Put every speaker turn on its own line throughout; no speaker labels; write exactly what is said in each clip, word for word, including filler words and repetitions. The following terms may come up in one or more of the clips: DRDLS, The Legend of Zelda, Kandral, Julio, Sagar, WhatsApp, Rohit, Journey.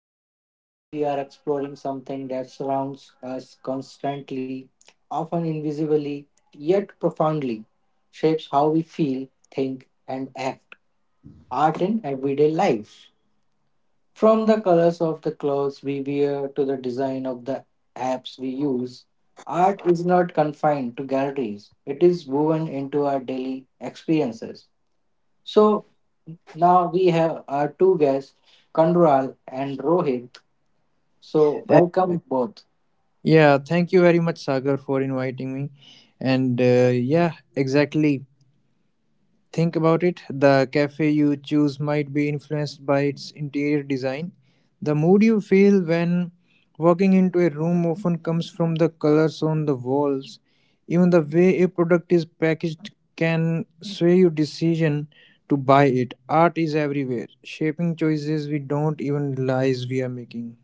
with Grace. Today we are exploring something that surrounds us constantly, often invisibly, yet profoundly, shapes how we feel, think, and act. Art in everyday lives. From the colors of the clothes we wear to the design of the apps we use, art is not confined to galleries. It is woven into our daily experiences. So now we have our two guests, Kandral and Rohit, so
Uh,
welcome both.
yeah, thank you very much, Sagar, for inviting me. And uh, yeah, exactly. Think about it. The cafe you choose might be influenced by its interior design. The mood you feel when walking into a room often comes from the colors on the walls. Even the way a product is packaged can sway your decision to buy it. Art is everywhere, shaping choices we don't even realize we are making.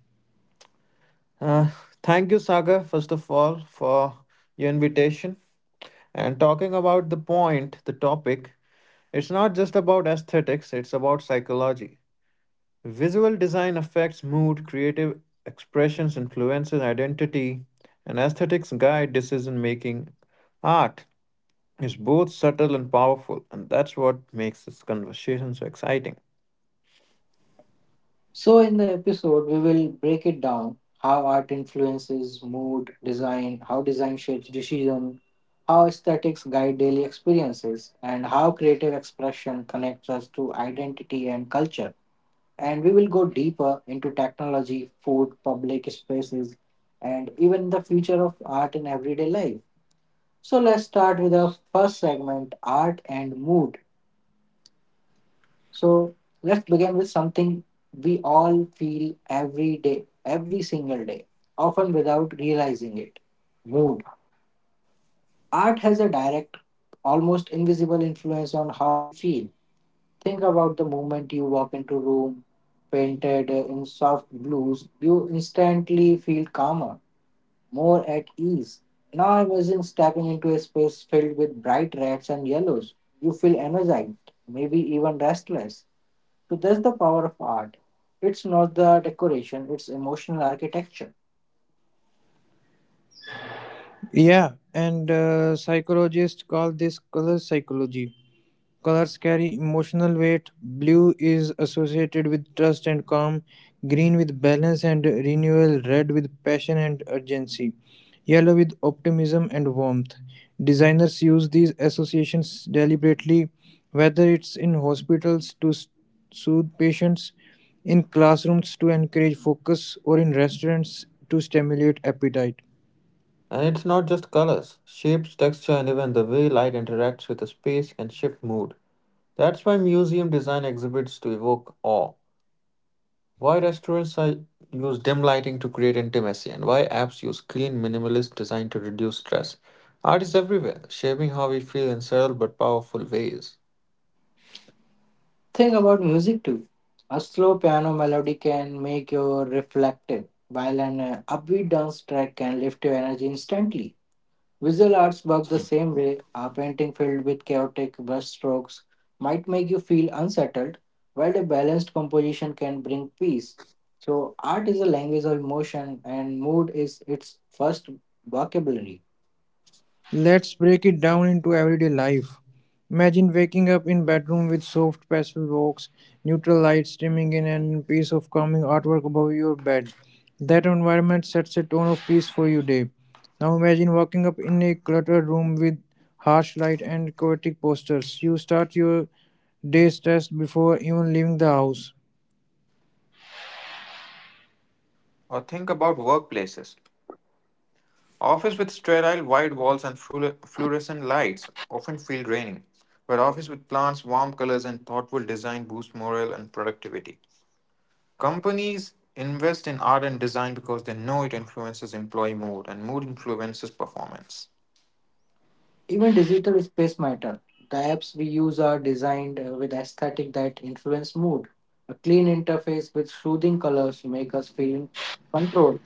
Uh, Thank you, Sagar, first of all, for your invitation. And talking about the point, the topic, it's not just about aesthetics, it's about psychology. Visual design affects mood, creative expressions influences identity, and aesthetics guide decision making. Art is both subtle and powerful, and that's what makes this conversation so exciting.
So, in the episode, we will break it down how art influences mood, design, how design shapes decision, how aesthetics guide daily experiences, and how creative expression connects us to identity and culture. And we will go deeper into technology, food, public spaces, and even the future of art in everyday life. So, let's start with our first segment art and mood. So let's begin with something we all feel every day, every single day, often without realizing it mood. Art has a direct, almost invisible influence on how we feel. Think about the moment you walk into a room painted uh, in soft blues, you instantly feel calmer, more at ease. Now imagine stepping into a space filled with bright reds and yellows. You feel energized, maybe even restless. So that's the power of art. It's not the decoration, it's emotional architecture.
Yeah, and uh, psychologists call this color psychology. Colors carry emotional weight. Blue is associated with trust and calm, green with balance and renewal, red with passion and urgency, yellow with optimism and warmth. Designers use these associations deliberately, whether it's in hospitals to s- soothe patients, in classrooms to encourage focus, or in restaurants to stimulate appetite.
And it's not just colors, shapes, texture, and even the way light interacts with the space can shift mood. That's why museum design exhibits to evoke awe, why restaurants are- use dim lighting to create intimacy, and why apps use clean, minimalist design to reduce stress. Art is everywhere, shaping how we feel in subtle but powerful ways.
Think about music too. A slow piano melody can make you reflective, while an uh, upbeat dance track can lift your energy instantly. Visual arts work the same way. A painting filled with chaotic brushstrokes might make you feel unsettled, while a balanced composition can bring peace. So, art is a language of emotion, and mood is its first vocabulary.
Let's break it down into everyday life. Imagine waking up in bedroom with soft pastel walks, neutral light streaming in and piece of calming artwork above your bed. That environment sets a tone of peace for your day. Now imagine waking up in a cluttered room with harsh light and chaotic posters. You start your day stressed before even leaving the house.
Or think about workplaces. Office with sterile white walls and fluor- fluorescent lights often feel draining, but office with plants, warm colors, and thoughtful design boost morale and productivity. Companies invest in art and design because they know it influences employee mood and mood influences performance.
Even digital space matter. The apps we use are designed uh, with aesthetic that influence mood. A clean interface with soothing colors make us feel in control.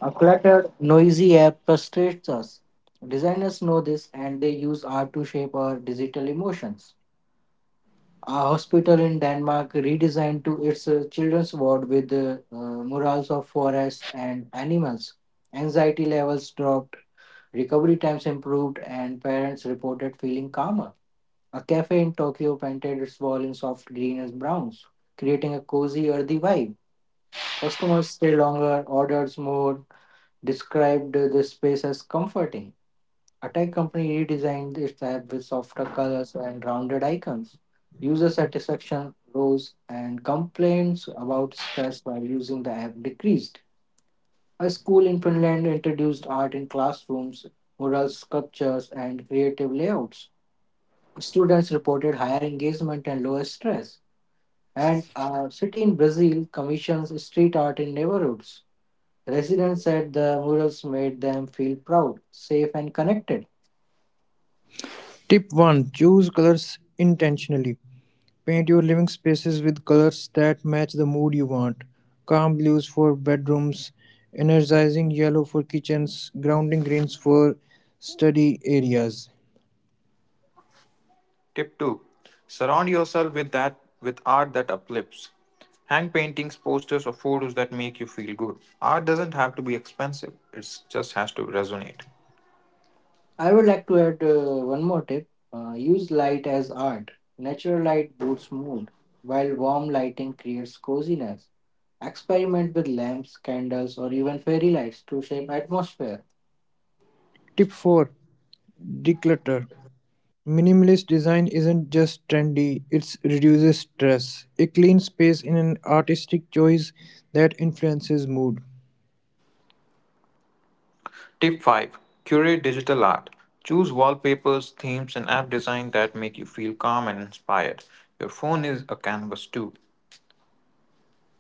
A cluttered, noisy app frustrates us. Designers know this and they use art to shape our digital emotions. A hospital in Denmark redesigned to its uh, children's ward with uh, uh, murals of forests and animals. Anxiety levels dropped, recovery times improved, and parents reported feeling calmer. A cafe in Tokyo painted its wall in soft green and browns, creating a cozy, earthy vibe. Customers stayed longer, orders more, described the space as comforting. A tech company redesigned its app with softer colors and rounded icons. User satisfaction rose and complaints about stress while using the app decreased. A school in Finland introduced art in classrooms, mural sculptures, and creative layouts. Students reported higher engagement and lower stress. And a city in Brazil commissions street art in neighborhoods. Residents said the murals made them feel proud, safe, and connected.
Tip one: choose colors intentionally. Paint your living spaces with colors that match the mood you want. Calm blues for bedrooms, energizing yellow for kitchens, grounding greens for study areas.
Tip two. Surround yourself with that with art that uplifts. Hang paintings, posters or photos that make you feel good. Art doesn't have to be expensive. It just has to resonate.
I would like to add uh, one more tip uh, use light as art. Natural light boosts mood, while warm lighting creates coziness. Experiment with lamps, candles, or even fairy lights to shape atmosphere.
Tip four: declutter. Minimalist design isn't just trendy, it reduces stress. A clean space is an artistic choice that influences mood.
Tip five. Curate digital art. Choose wallpapers, themes and app design that make you feel calm and inspired. Your phone is a canvas too.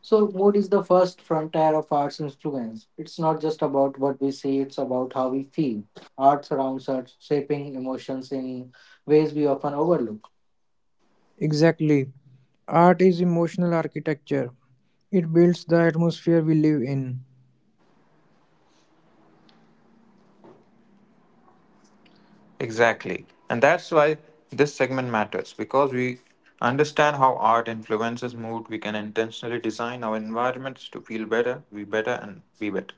So, mood is the first frontier of art's influence. It's not just about what we see, it's about how we feel. Art surrounds us, shaping emotions in ways we often overlook.
Exactly. Art is emotional architecture. It builds the atmosphere we live in.
Exactly. And that's why this segment matters because we understand how art influences mood, we can intentionally design our environments to feel better, be better, and be better.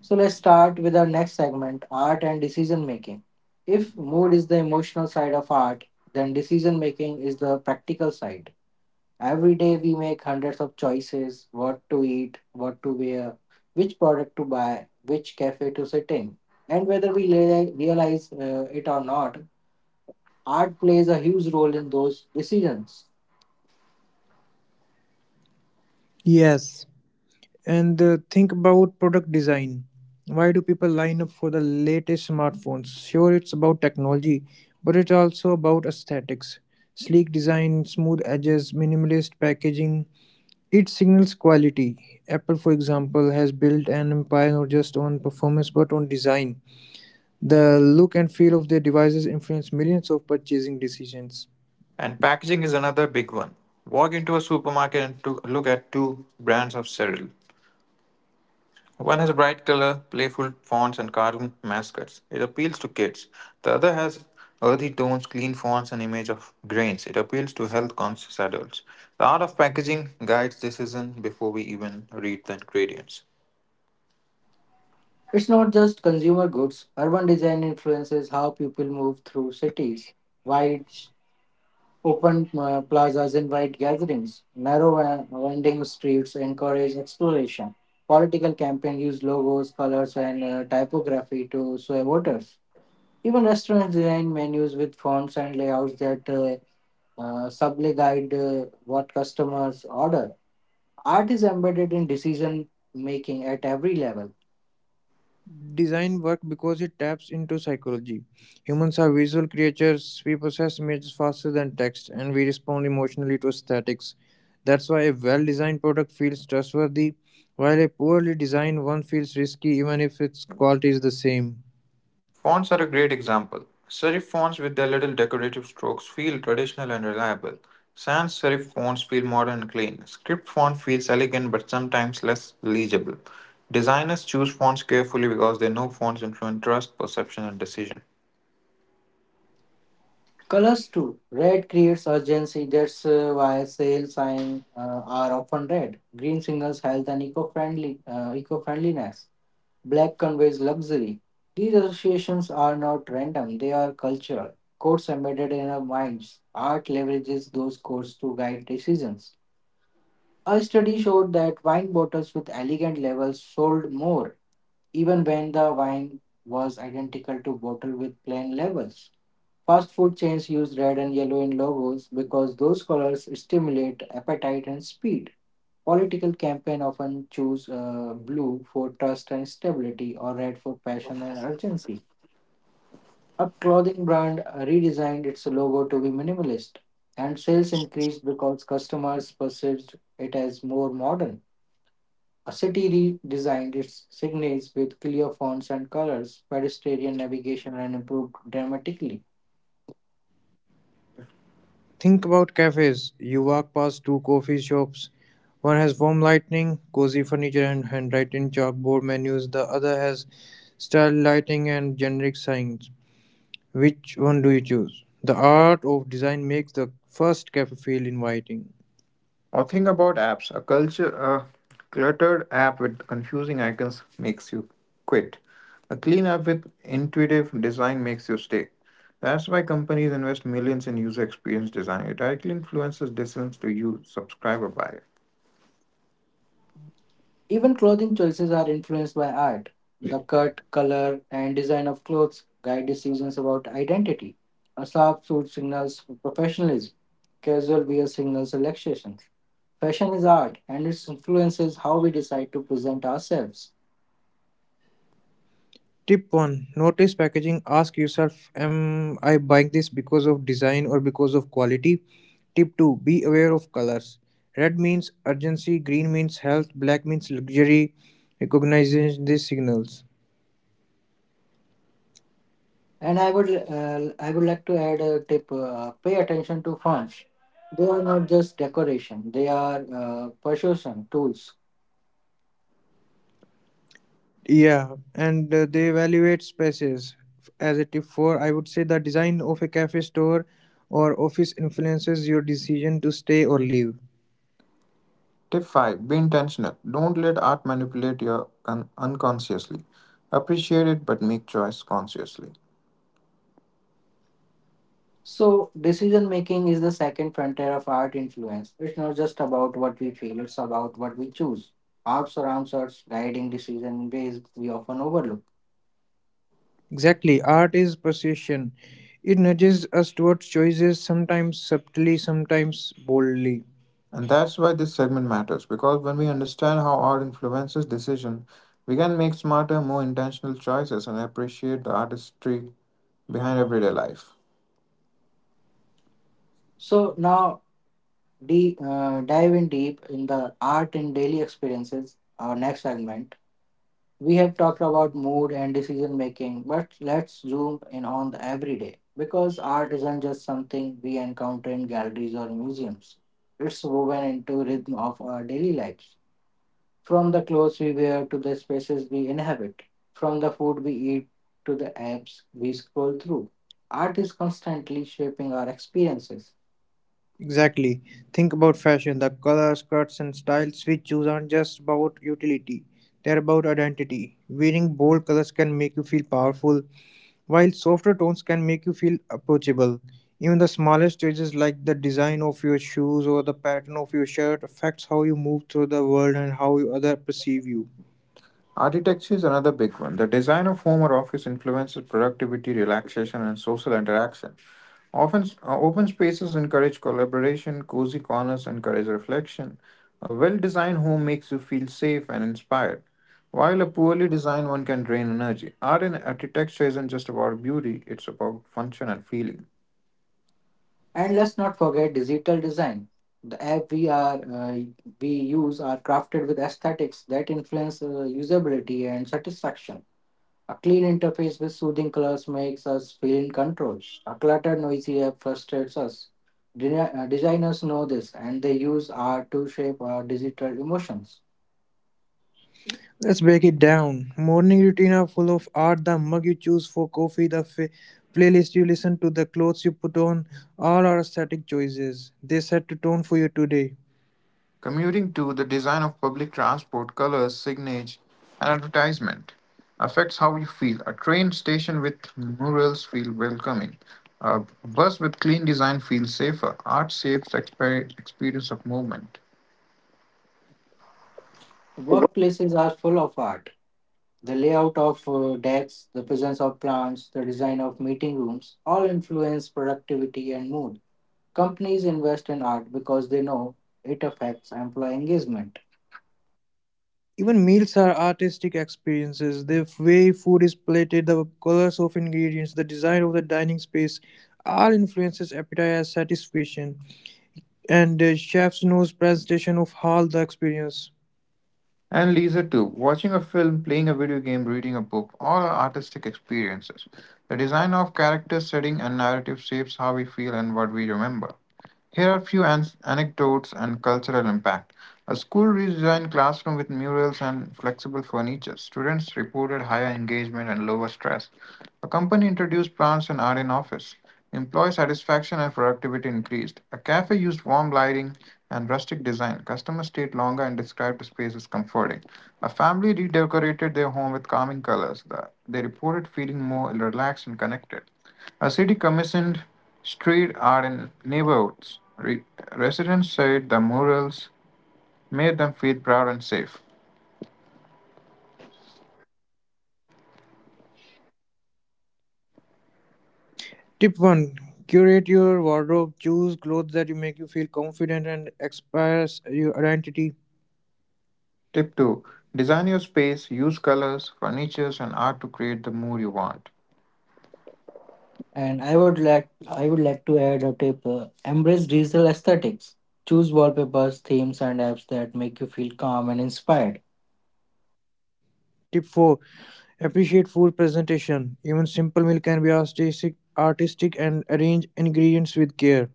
So, let's start with our next segment art and decision making. If mood is the emotional side of art, then decision making is the practical side. Every day we make hundreds of choices what to eat, what to wear, which product to buy, which cafe to sit in. And whether we lea- realize uh, it or not, art plays a huge role in those decisions.
Yes. And uh, think about product design. Why do people line up for the latest smartphones? Sure, it's about technology, but it's also about aesthetics. Sleek design, smooth edges, minimalist packaging. It signals quality. Apple, for example, has built an empire not just on performance but on design. The look and feel of their devices influence millions of purchasing decisions.
And packaging is another big one. Walk into a supermarket and to look at two brands of cereal. One has bright color, playful fonts, and cartoon mascots. It appeals to kids. The other has earthy tones, clean fonts, and image of grains. It appeals to health-conscious adults. The art of packaging guides decision before we even read the ingredients.
It's not just consumer goods. Urban design influences how people move through cities. Wide, open uh, plazas invite gatherings. Narrow uh, winding streets encourage exploration. Political campaigns use logos, colors, and uh, typography to sway voters. Even restaurants design menus with fonts and layouts that uh, uh, subtly guide uh, what customers order. Art is embedded in decision making at every level.
Design work because it taps into psychology. Humans are visual creatures, we process images faster than text, and we respond emotionally to aesthetics. That's why a well designed product feels trustworthy, while a poorly designed one feels risky even if its quality is the same.
Fonts are a great example. Serif fonts with their little decorative strokes feel traditional and reliable. Sans serif fonts feel modern and clean. Script font feels elegant but sometimes less legible. Designers choose fonts carefully because they know fonts influence trust, perception, and decision.
Colors too. Red creates urgency. That's uh, why sale signs uh, are often red. Green signals health and eco-friendly uh, eco-friendliness. Black conveys luxury. These associations are not random. They are cultural codes embedded in our minds. Art leverages those codes to guide decisions. A study showed that wine bottles with elegant labels sold more even when the wine was identical to bottle with plain labels. Fast food chains use red and yellow in logos because those colors stimulate appetite and speed. Political campaigns often choose uh, blue for trust and stability or red for passion and urgency. A clothing brand uh, redesigned its logo to be minimalist and sales increased because customers perceived it as more modern. A city redesigned its signage with clear fonts and colors, pedestrian navigation and improved dramatically.
Think about cafes. You walk past two coffee shops. One has warm lighting, cozy furniture, and handwritten chalkboard menus. The other has style lighting and generic signs. Which one do you choose? The art of design makes the first cafe feel inviting.
Or think about apps. A culture, a cluttered app with confusing icons makes you quit. A clean app with intuitive design makes you stay. That's why companies invest millions in user experience design. It directly influences decisions to you, subscribe or buy.
Even clothing choices are influenced by art. The cut, color, and design of clothes guide decisions about identity. A sharp suit signals professionalism. Casual wear signals relaxation. Fashion is art, and it influences how we decide to present ourselves.
Tip one: notice packaging. Ask yourself, am I buying this because of design or because of quality? Tip two: be aware of colors. Red means urgency, green means health, black means luxury. Recognizing these signals.
And I would uh, I would like to add a tip: uh, pay attention to fonts. They are not just decoration; they are uh, persuasion tools.
Yeah, and uh, they evaluate spaces. As a tip four, I would say the design of a cafe store or office influences your decision to stay or leave.
Tip five. Be intentional. Don't let art manipulate you un- unconsciously. Appreciate it but make choice consciously.
So decision making is the second frontier of art influence. It's not just about what we feel; it's about what we choose. Art surrounds us, guiding decision in ways we often overlook.
Exactly, art is precision. It nudges us towards choices, sometimes subtly, sometimes boldly.
And that's why this segment matters because when we understand how art influences decision, we can make smarter, more intentional choices and appreciate the artistry behind everyday life.
So now, de- uh, dive in deep in the art and daily experiences. Our next segment we have talked about mood and decision making, but let's zoom in on the everyday because art isn't just something we encounter in galleries or museums. It's woven into rhythm of our daily lives, from the clothes we wear to the spaces we inhabit, from the food we eat to the apps we scroll through. Art is constantly shaping our experiences.
Exactly. Think about fashion. The colors, cuts, and styles we choose aren't just about utility, they're about identity. Wearing bold colors can make you feel powerful, while softer tones can make you feel approachable. Even the smallest changes, like the design of your shoes or the pattern of your shirt, affects how you move through the world and how you- other perceive you.
Architecture is another big one. The design of home or office influences productivity, relaxation, and social interaction. Often, uh, open spaces encourage collaboration, cozy corners encourage reflection. A well designed home makes you feel safe and inspired, while a poorly designed one can drain energy. Art and architecture isn't just about beauty, it's about function and feeling.
And let's not forget digital design. The app we are uh, we use are crafted with aesthetics that influence uh, usability and satisfaction. A clean interface with soothing colors makes us feel in control. A cluttered, noisy app frustrates us. Deni- uh, Designers know this, and they use art to shape our digital emotions.
Let's break it down. Morning routine are full of art. The mug you choose for coffee, the fa- playlist you listen to, the clothes you put on, all are aesthetic choices. They set the tone for you today.
Commuting to the design of public transport, colors, signage, and advertisement affects how you feel. A train station with murals feel welcoming. A bus with clean design feels safer. Art shapes the exper- experience of movement.
Workplaces are full of art. The layout of uh, desks, the presence of plants, the design of meeting rooms all influence productivity and mood. Companies invest in art because they know it affects employee engagement.
Even meals are artistic experiences. The way food is plated, the colors of ingredients, the design of the dining space, all influences appetite as satisfaction. And the chef's nose presentation of all the experience.
And leisure too. Watching a film, playing a video game, reading a book, all are artistic experiences. The design of character, setting, and narrative shapes how we feel and what we remember. Here are few an- anecdotes and cultural impact. A school redesigned classroom with murals and flexible furniture. Students reported higher engagement and lower stress. A company introduced plants and art in office. Employee satisfaction and productivity increased. A cafe used warm lighting and rustic design. Customers stayed longer and described the space as comforting. A family redecorated their home with calming colors. The- They reported feeling more relaxed and connected. A city commissioned street art in neighborhoods. Re- residents said the murals made them feel proud and safe.
Tip one: curate your wardrobe. Choose clothes that you make you feel confident and express your identity.
Tip two. Design your space, use colors, furnitures, and art to create the mood you want.
And I would like I would like to add a tip: uh, embrace digital aesthetics. Choose wallpapers, themes, and apps that make you feel calm and inspired.
Tip four: appreciate food presentation. Even simple meal can be artistic, artistic and arrange ingredients with care.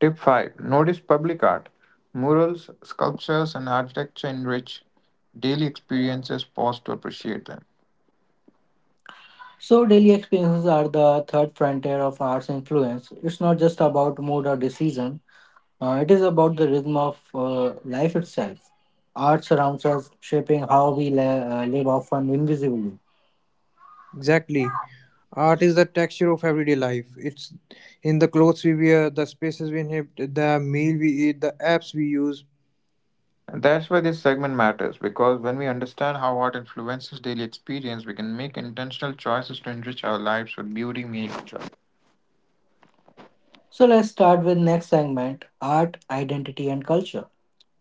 Tip five. Notice public art. Murals, sculptures, and architecture enrich daily experiences, pause to appreciate them.
So daily experiences are the third frontier of art's influence. It's not just about mood or decision. Uh, it is about the rhythm of uh, life itself. Art surrounds us, shaping how we li- uh, live often invisibly.
Exactly. Art is the texture of everyday life. It's in the clothes we wear, the spaces we inhabit, the meal we eat, the apps we use.
And that's why this segment matters because when we understand how art influences daily experience, we can make intentional choices to enrich our lives with beauty, meaning, and joy.
So let's start with next segment, art, identity and culture.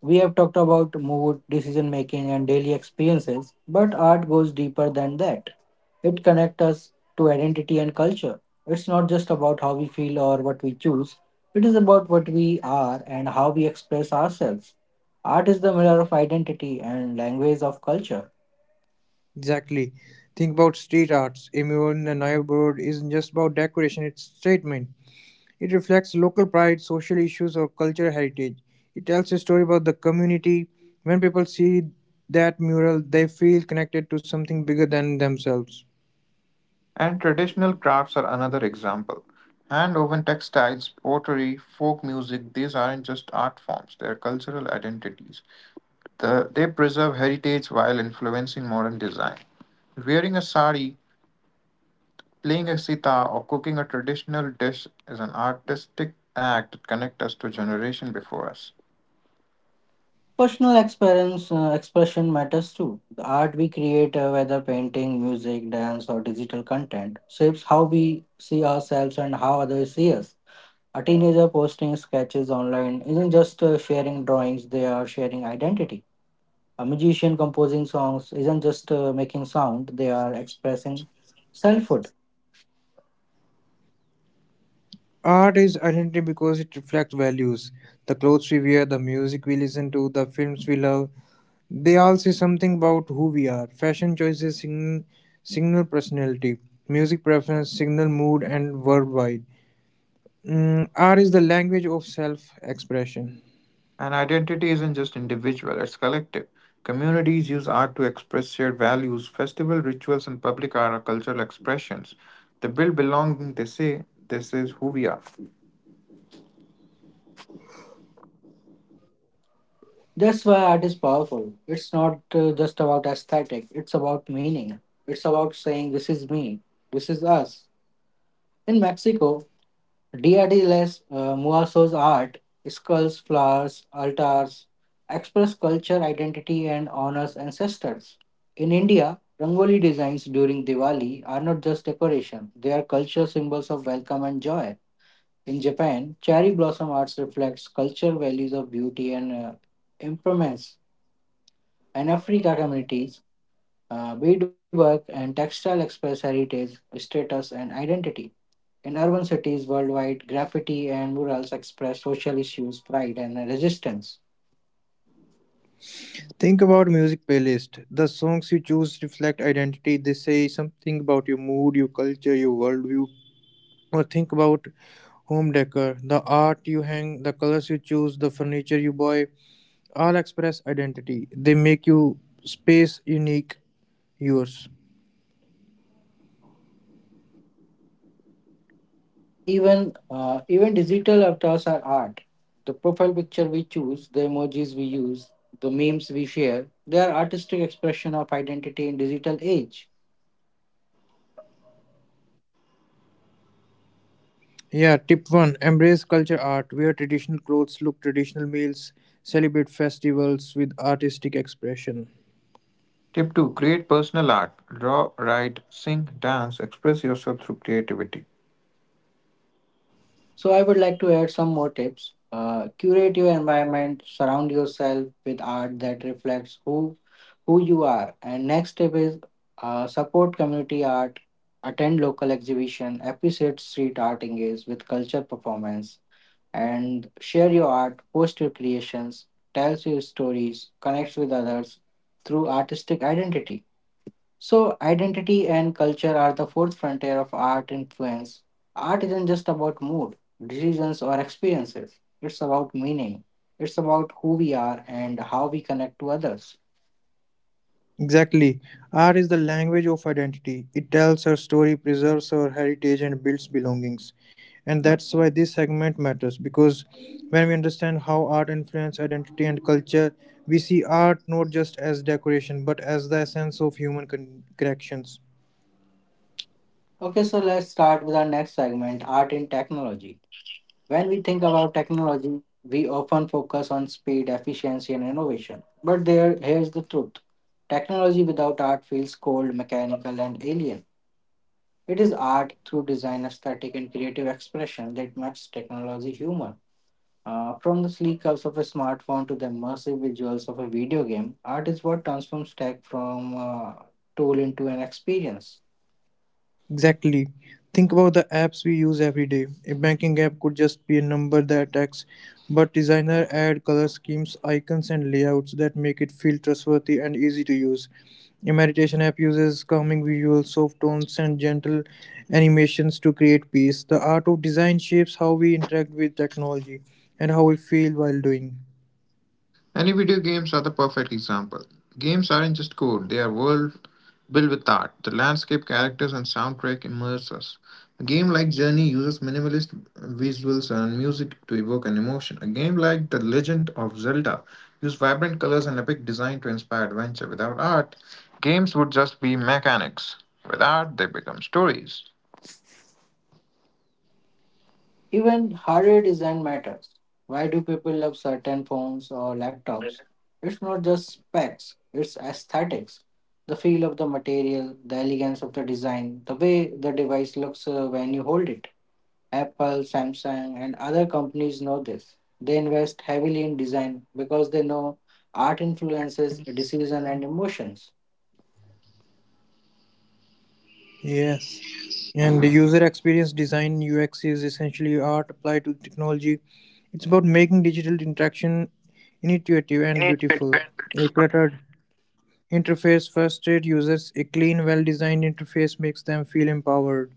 We have talked about mood, decision making and daily experiences, but art goes deeper than that. It connects us to identity and culture. It's not just about how we feel or what we choose. It is about what we are and how we express ourselves. Art is the mirror of identity and language of culture.
Exactly. Think about street arts. A mural in a neighborhood isn't just about decoration, it's statement. It reflects local pride, social issues, or cultural heritage. It tells a story about the community. When people see that mural, they feel connected to something bigger than themselves.
And traditional crafts are another example. Hand woven textiles, pottery, folk music, these aren't just art forms, they are cultural identities. The, they preserve heritage while influencing modern design. Wearing a sari, playing a sitar, or cooking a traditional dish is an artistic act that connects us to generation before us.
Personal experience uh, expression matters too. The art we create, uh, whether painting, music, dance, or digital content, shapes how we see ourselves and how others see us. A teenager posting sketches online isn't just uh, sharing drawings; they are sharing identity. A musician composing songs isn't just uh, making sound; they are expressing selfhood.
Art is identity because it reflects values. The clothes we wear, the music we listen to, the films we love, they all say something about who we are. Fashion choices signal, signal personality, music preference signal mood and worldwide. Mm, art is the language of self expression.
And identity isn't just individual, it's collective. Communities use art to express shared values. Festival rituals and public art are cultural expressions. They build belonging, they say, this is who we are.
That's why art is powerful. It's not uh, just about aesthetic; it's about meaning. It's about saying, "This is me. This is us." In Mexico, D R D L S uh, Muasos art, skulls, flowers, altars, express culture, identity, and honors ancestors. In India, Rangoli designs during Diwali are not just decoration, they are culture symbols of welcome and joy. In Japan, cherry blossom arts reflects cultural values of beauty and uh, impermanence. In Africa communities, uh, beadwork and textile express heritage, status, and identity. In urban cities worldwide, graffiti and murals express social issues, pride, and resistance.
Think about music playlist. The songs you choose reflect identity. They say something about your mood, your culture, your worldview. Or think about home decor, the art you hang, the colors you choose, the furniture you buy. All express identity. They make you space unique, yours.
Even uh, even digital avatars are art. The profile picture we choose, the emojis we use, the memes we share, they are artistic expression of identity in digital age.
Yeah. Tip one: embrace culture art. Wear traditional clothes. Look traditional meals. Celebrate festivals with artistic expression.
Tip two. Create personal art. Draw, write, sing, dance, express yourself through creativity.
So, I would like to add some more tips. Uh, curate your environment, surround yourself with art that reflects who who you are. And next tip is uh, support community art, attend local exhibition, appreciate street art, engage with culture performance, and share your art, post your creations, tell your stories, connect with others through artistic identity. So, identity and culture are the fourth frontier of art influence. Art isn't just about mood, decisions, or experiences, it's about meaning, it's about who we are and how we connect to others.
Exactly. Art is the language of identity. It tells our story, preserves our heritage, and builds belongings. And that's why this segment matters because when we understand how art influences identity and culture, we see art not just as decoration but as the essence of human con- connections.
Okay, so let's start with our next segment art in technology. When we think about technology, we often focus on speed, efficiency, and innovation. But there, here's the truth technology without art feels cold, mechanical, and alien. It is art through design, aesthetic, and creative expression that matches technology humor. Uh, from the sleek curves of a smartphone to the immersive visuals of a video game, art is what transforms tech from a tool into an experience.
Exactly. Think about the apps we use every day. A banking app could just be a number that acts, but designer add color schemes, icons, and layouts that make it feel trustworthy and easy to use. A meditation app uses calming visuals, soft tones, and gentle animations to create peace. The art of design shapes how we interact with technology and how we feel while doing.
Any video games are the perfect example. Games aren't just code, they are world built with art. The landscape, characters, and soundtrack immerse us. A game like Journey uses minimalist visuals and music to evoke an emotion. A game like The Legend of Zelda uses vibrant colors and epic design to inspire adventure. Without art, games would just be mechanics. With art, they become stories.
Even hardware design matters. Why do people love certain phones or laptops? It's not just specs, it's aesthetics. The feel of the material, the elegance of the design, the way the device looks uh, when you hold it. Apple, Samsung, and other companies know this. They invest heavily in design because they know art influences decision and emotions.
Yes. And the user experience design U X is essentially art applied to technology. It's about making digital interaction intuitive and beautiful. A cluttered interface frustrates users. A clean, well designed interface makes them feel empowered.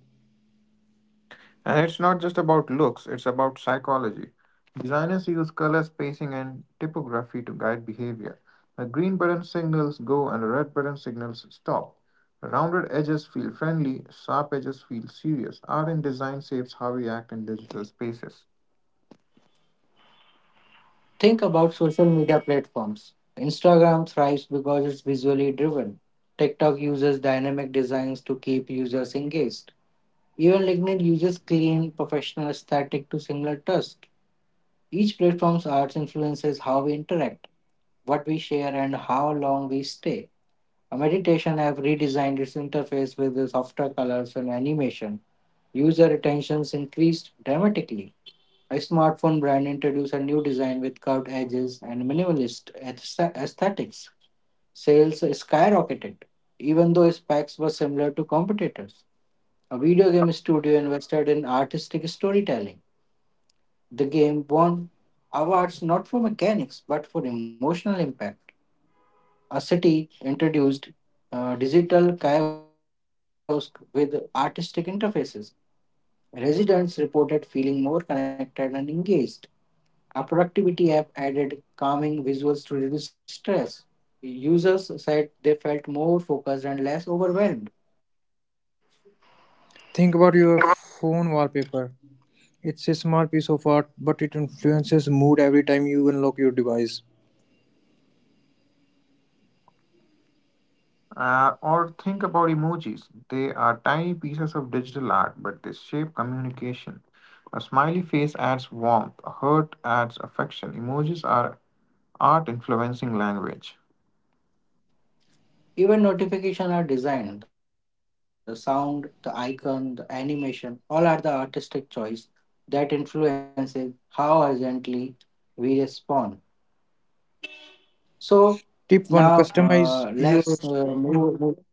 And it's not just about looks, it's about psychology. Designers use color spacing and typography to guide behavior. A green button signals go and a red button signals stop. Rounded edges feel friendly, sharp edges feel serious. Art and design shapes how we act in digital spaces.
Think about social media platforms. Instagram thrives because it's visually driven. TikTok uses dynamic designs to keep users engaged. Even LinkedIn uses clean, professional aesthetic to signal trust. Each platform's art influences how we interact, what we share, and how long we stay. A meditation app redesigned its interface with the softer colors and animation. User retentions increased dramatically. A smartphone brand introduced a new design with curved edges and minimalist aesthetics. Sales skyrocketed, even though its specs were similar to competitors. A video game studio invested in artistic storytelling. The game won awards not for mechanics but for emotional impact. A city introduced uh, digital kiosks with artistic interfaces. Residents reported feeling more connected and engaged. A productivity app added calming visuals to reduce stress. Users said they felt more focused and less overwhelmed.
Think about your phone wallpaper. It's a small piece of art, but it influences mood every time you unlock your device.
Uh, or think about emojis. They are tiny pieces of digital art, but they shape communication. A smiley face adds warmth, a heart adds affection. Emojis are art influencing language.
Even notifications are designed. The sound, the icon, the animation, all are the artistic choice that influences how urgently we respond. So
Tip one:
now
customize
uh,
your.
let's uh, move, move-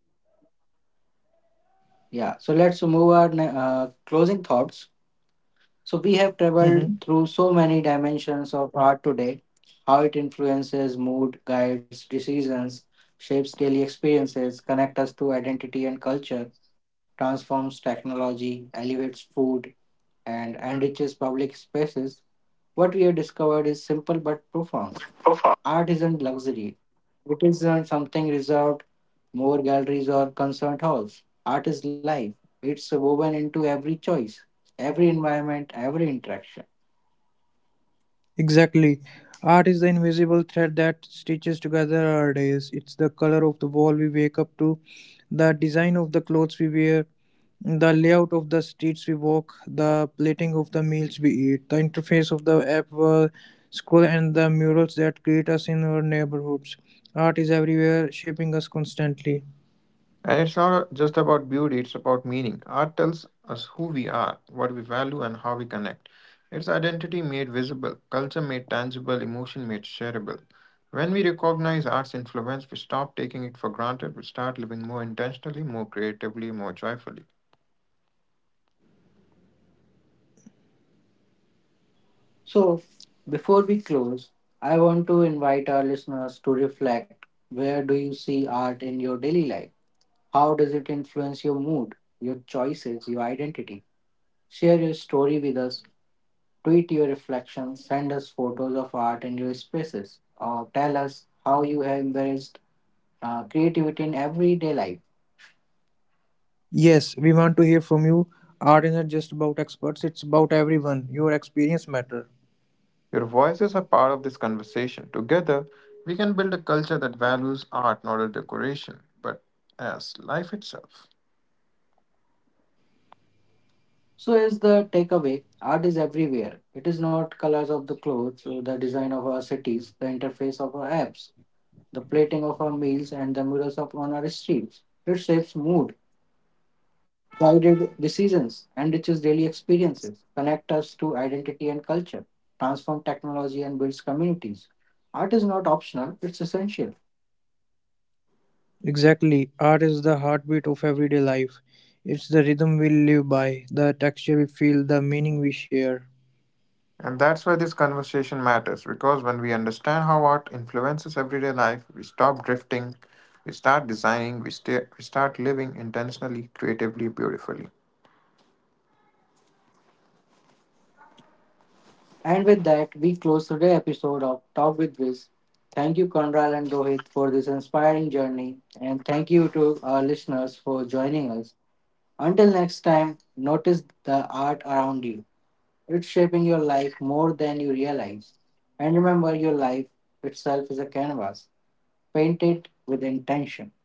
yeah, so let's move our ne- uh, closing thoughts. So we have
Mhm.
traveled through so many dimensions of art today, how it influences mood, guides, decisions, shapes daily experiences, connects us to identity and culture, transforms technology, elevates food, and enriches public spaces. What we have discovered is simple but profound art isn't luxury. It isn't something reserved more galleries or concert halls. Art is life. It's woven into every choice, every environment, every interaction.
Exactly. Art is the invisible thread that stitches together our days. It's the color of the wall we wake up to, the design of the clothes we wear, the layout of the streets we walk, the plating of the meals we eat, the interface of the app we scroll, and the murals that greet us in our neighborhoods. Art is everywhere, shaping us constantly.
And it's not just about beauty, it's about meaning. Art tells us who we are, what we value, and how we connect. It's identity made visible, culture made tangible, emotion made shareable. When we recognize art's influence, we stop taking it for granted, we start living more intentionally, more creatively, more joyfully.
So, before we close, I want to invite our listeners to reflect where do you see art in your daily life? How does it influence your mood, your choices, your identity? Share your story with us. Tweet your reflections, send us photos of art in your spaces, or tell us how you have embraced uh, creativity in everyday life.
Yes, we want to hear from you. Art isn't just about experts, it's about everyone. Your experience matters.
Your voices are part of this conversation. Together, we can build a culture that values art not as decoration, but as life itself.
So, here's the takeaway art is everywhere. It is not colors of the clothes, or the design of our cities, the interface of our apps, the plating of our meals, and the murals of on our streets. It shapes mood, guided decisions, and enriches daily experiences, connect us to identity and culture, transform technology, and builds communities. Art is not optional, it's essential.
Exactly. Art is the heartbeat of everyday life. It's the rhythm we live by, the texture we feel, the meaning we share.
And that's why this conversation matters because when we understand how art influences everyday life, we stop drifting, we start designing, we, stay, we start living intentionally, creatively, beautifully.
And with that, we close today's episode of Talk with Viz. Thank you, Konral and Rohit, for this inspiring journey. And thank you to our listeners for joining us. Until next time, notice the art around you. It's shaping your life more than you realize. And remember, your life itself is a canvas. Paint it with intention.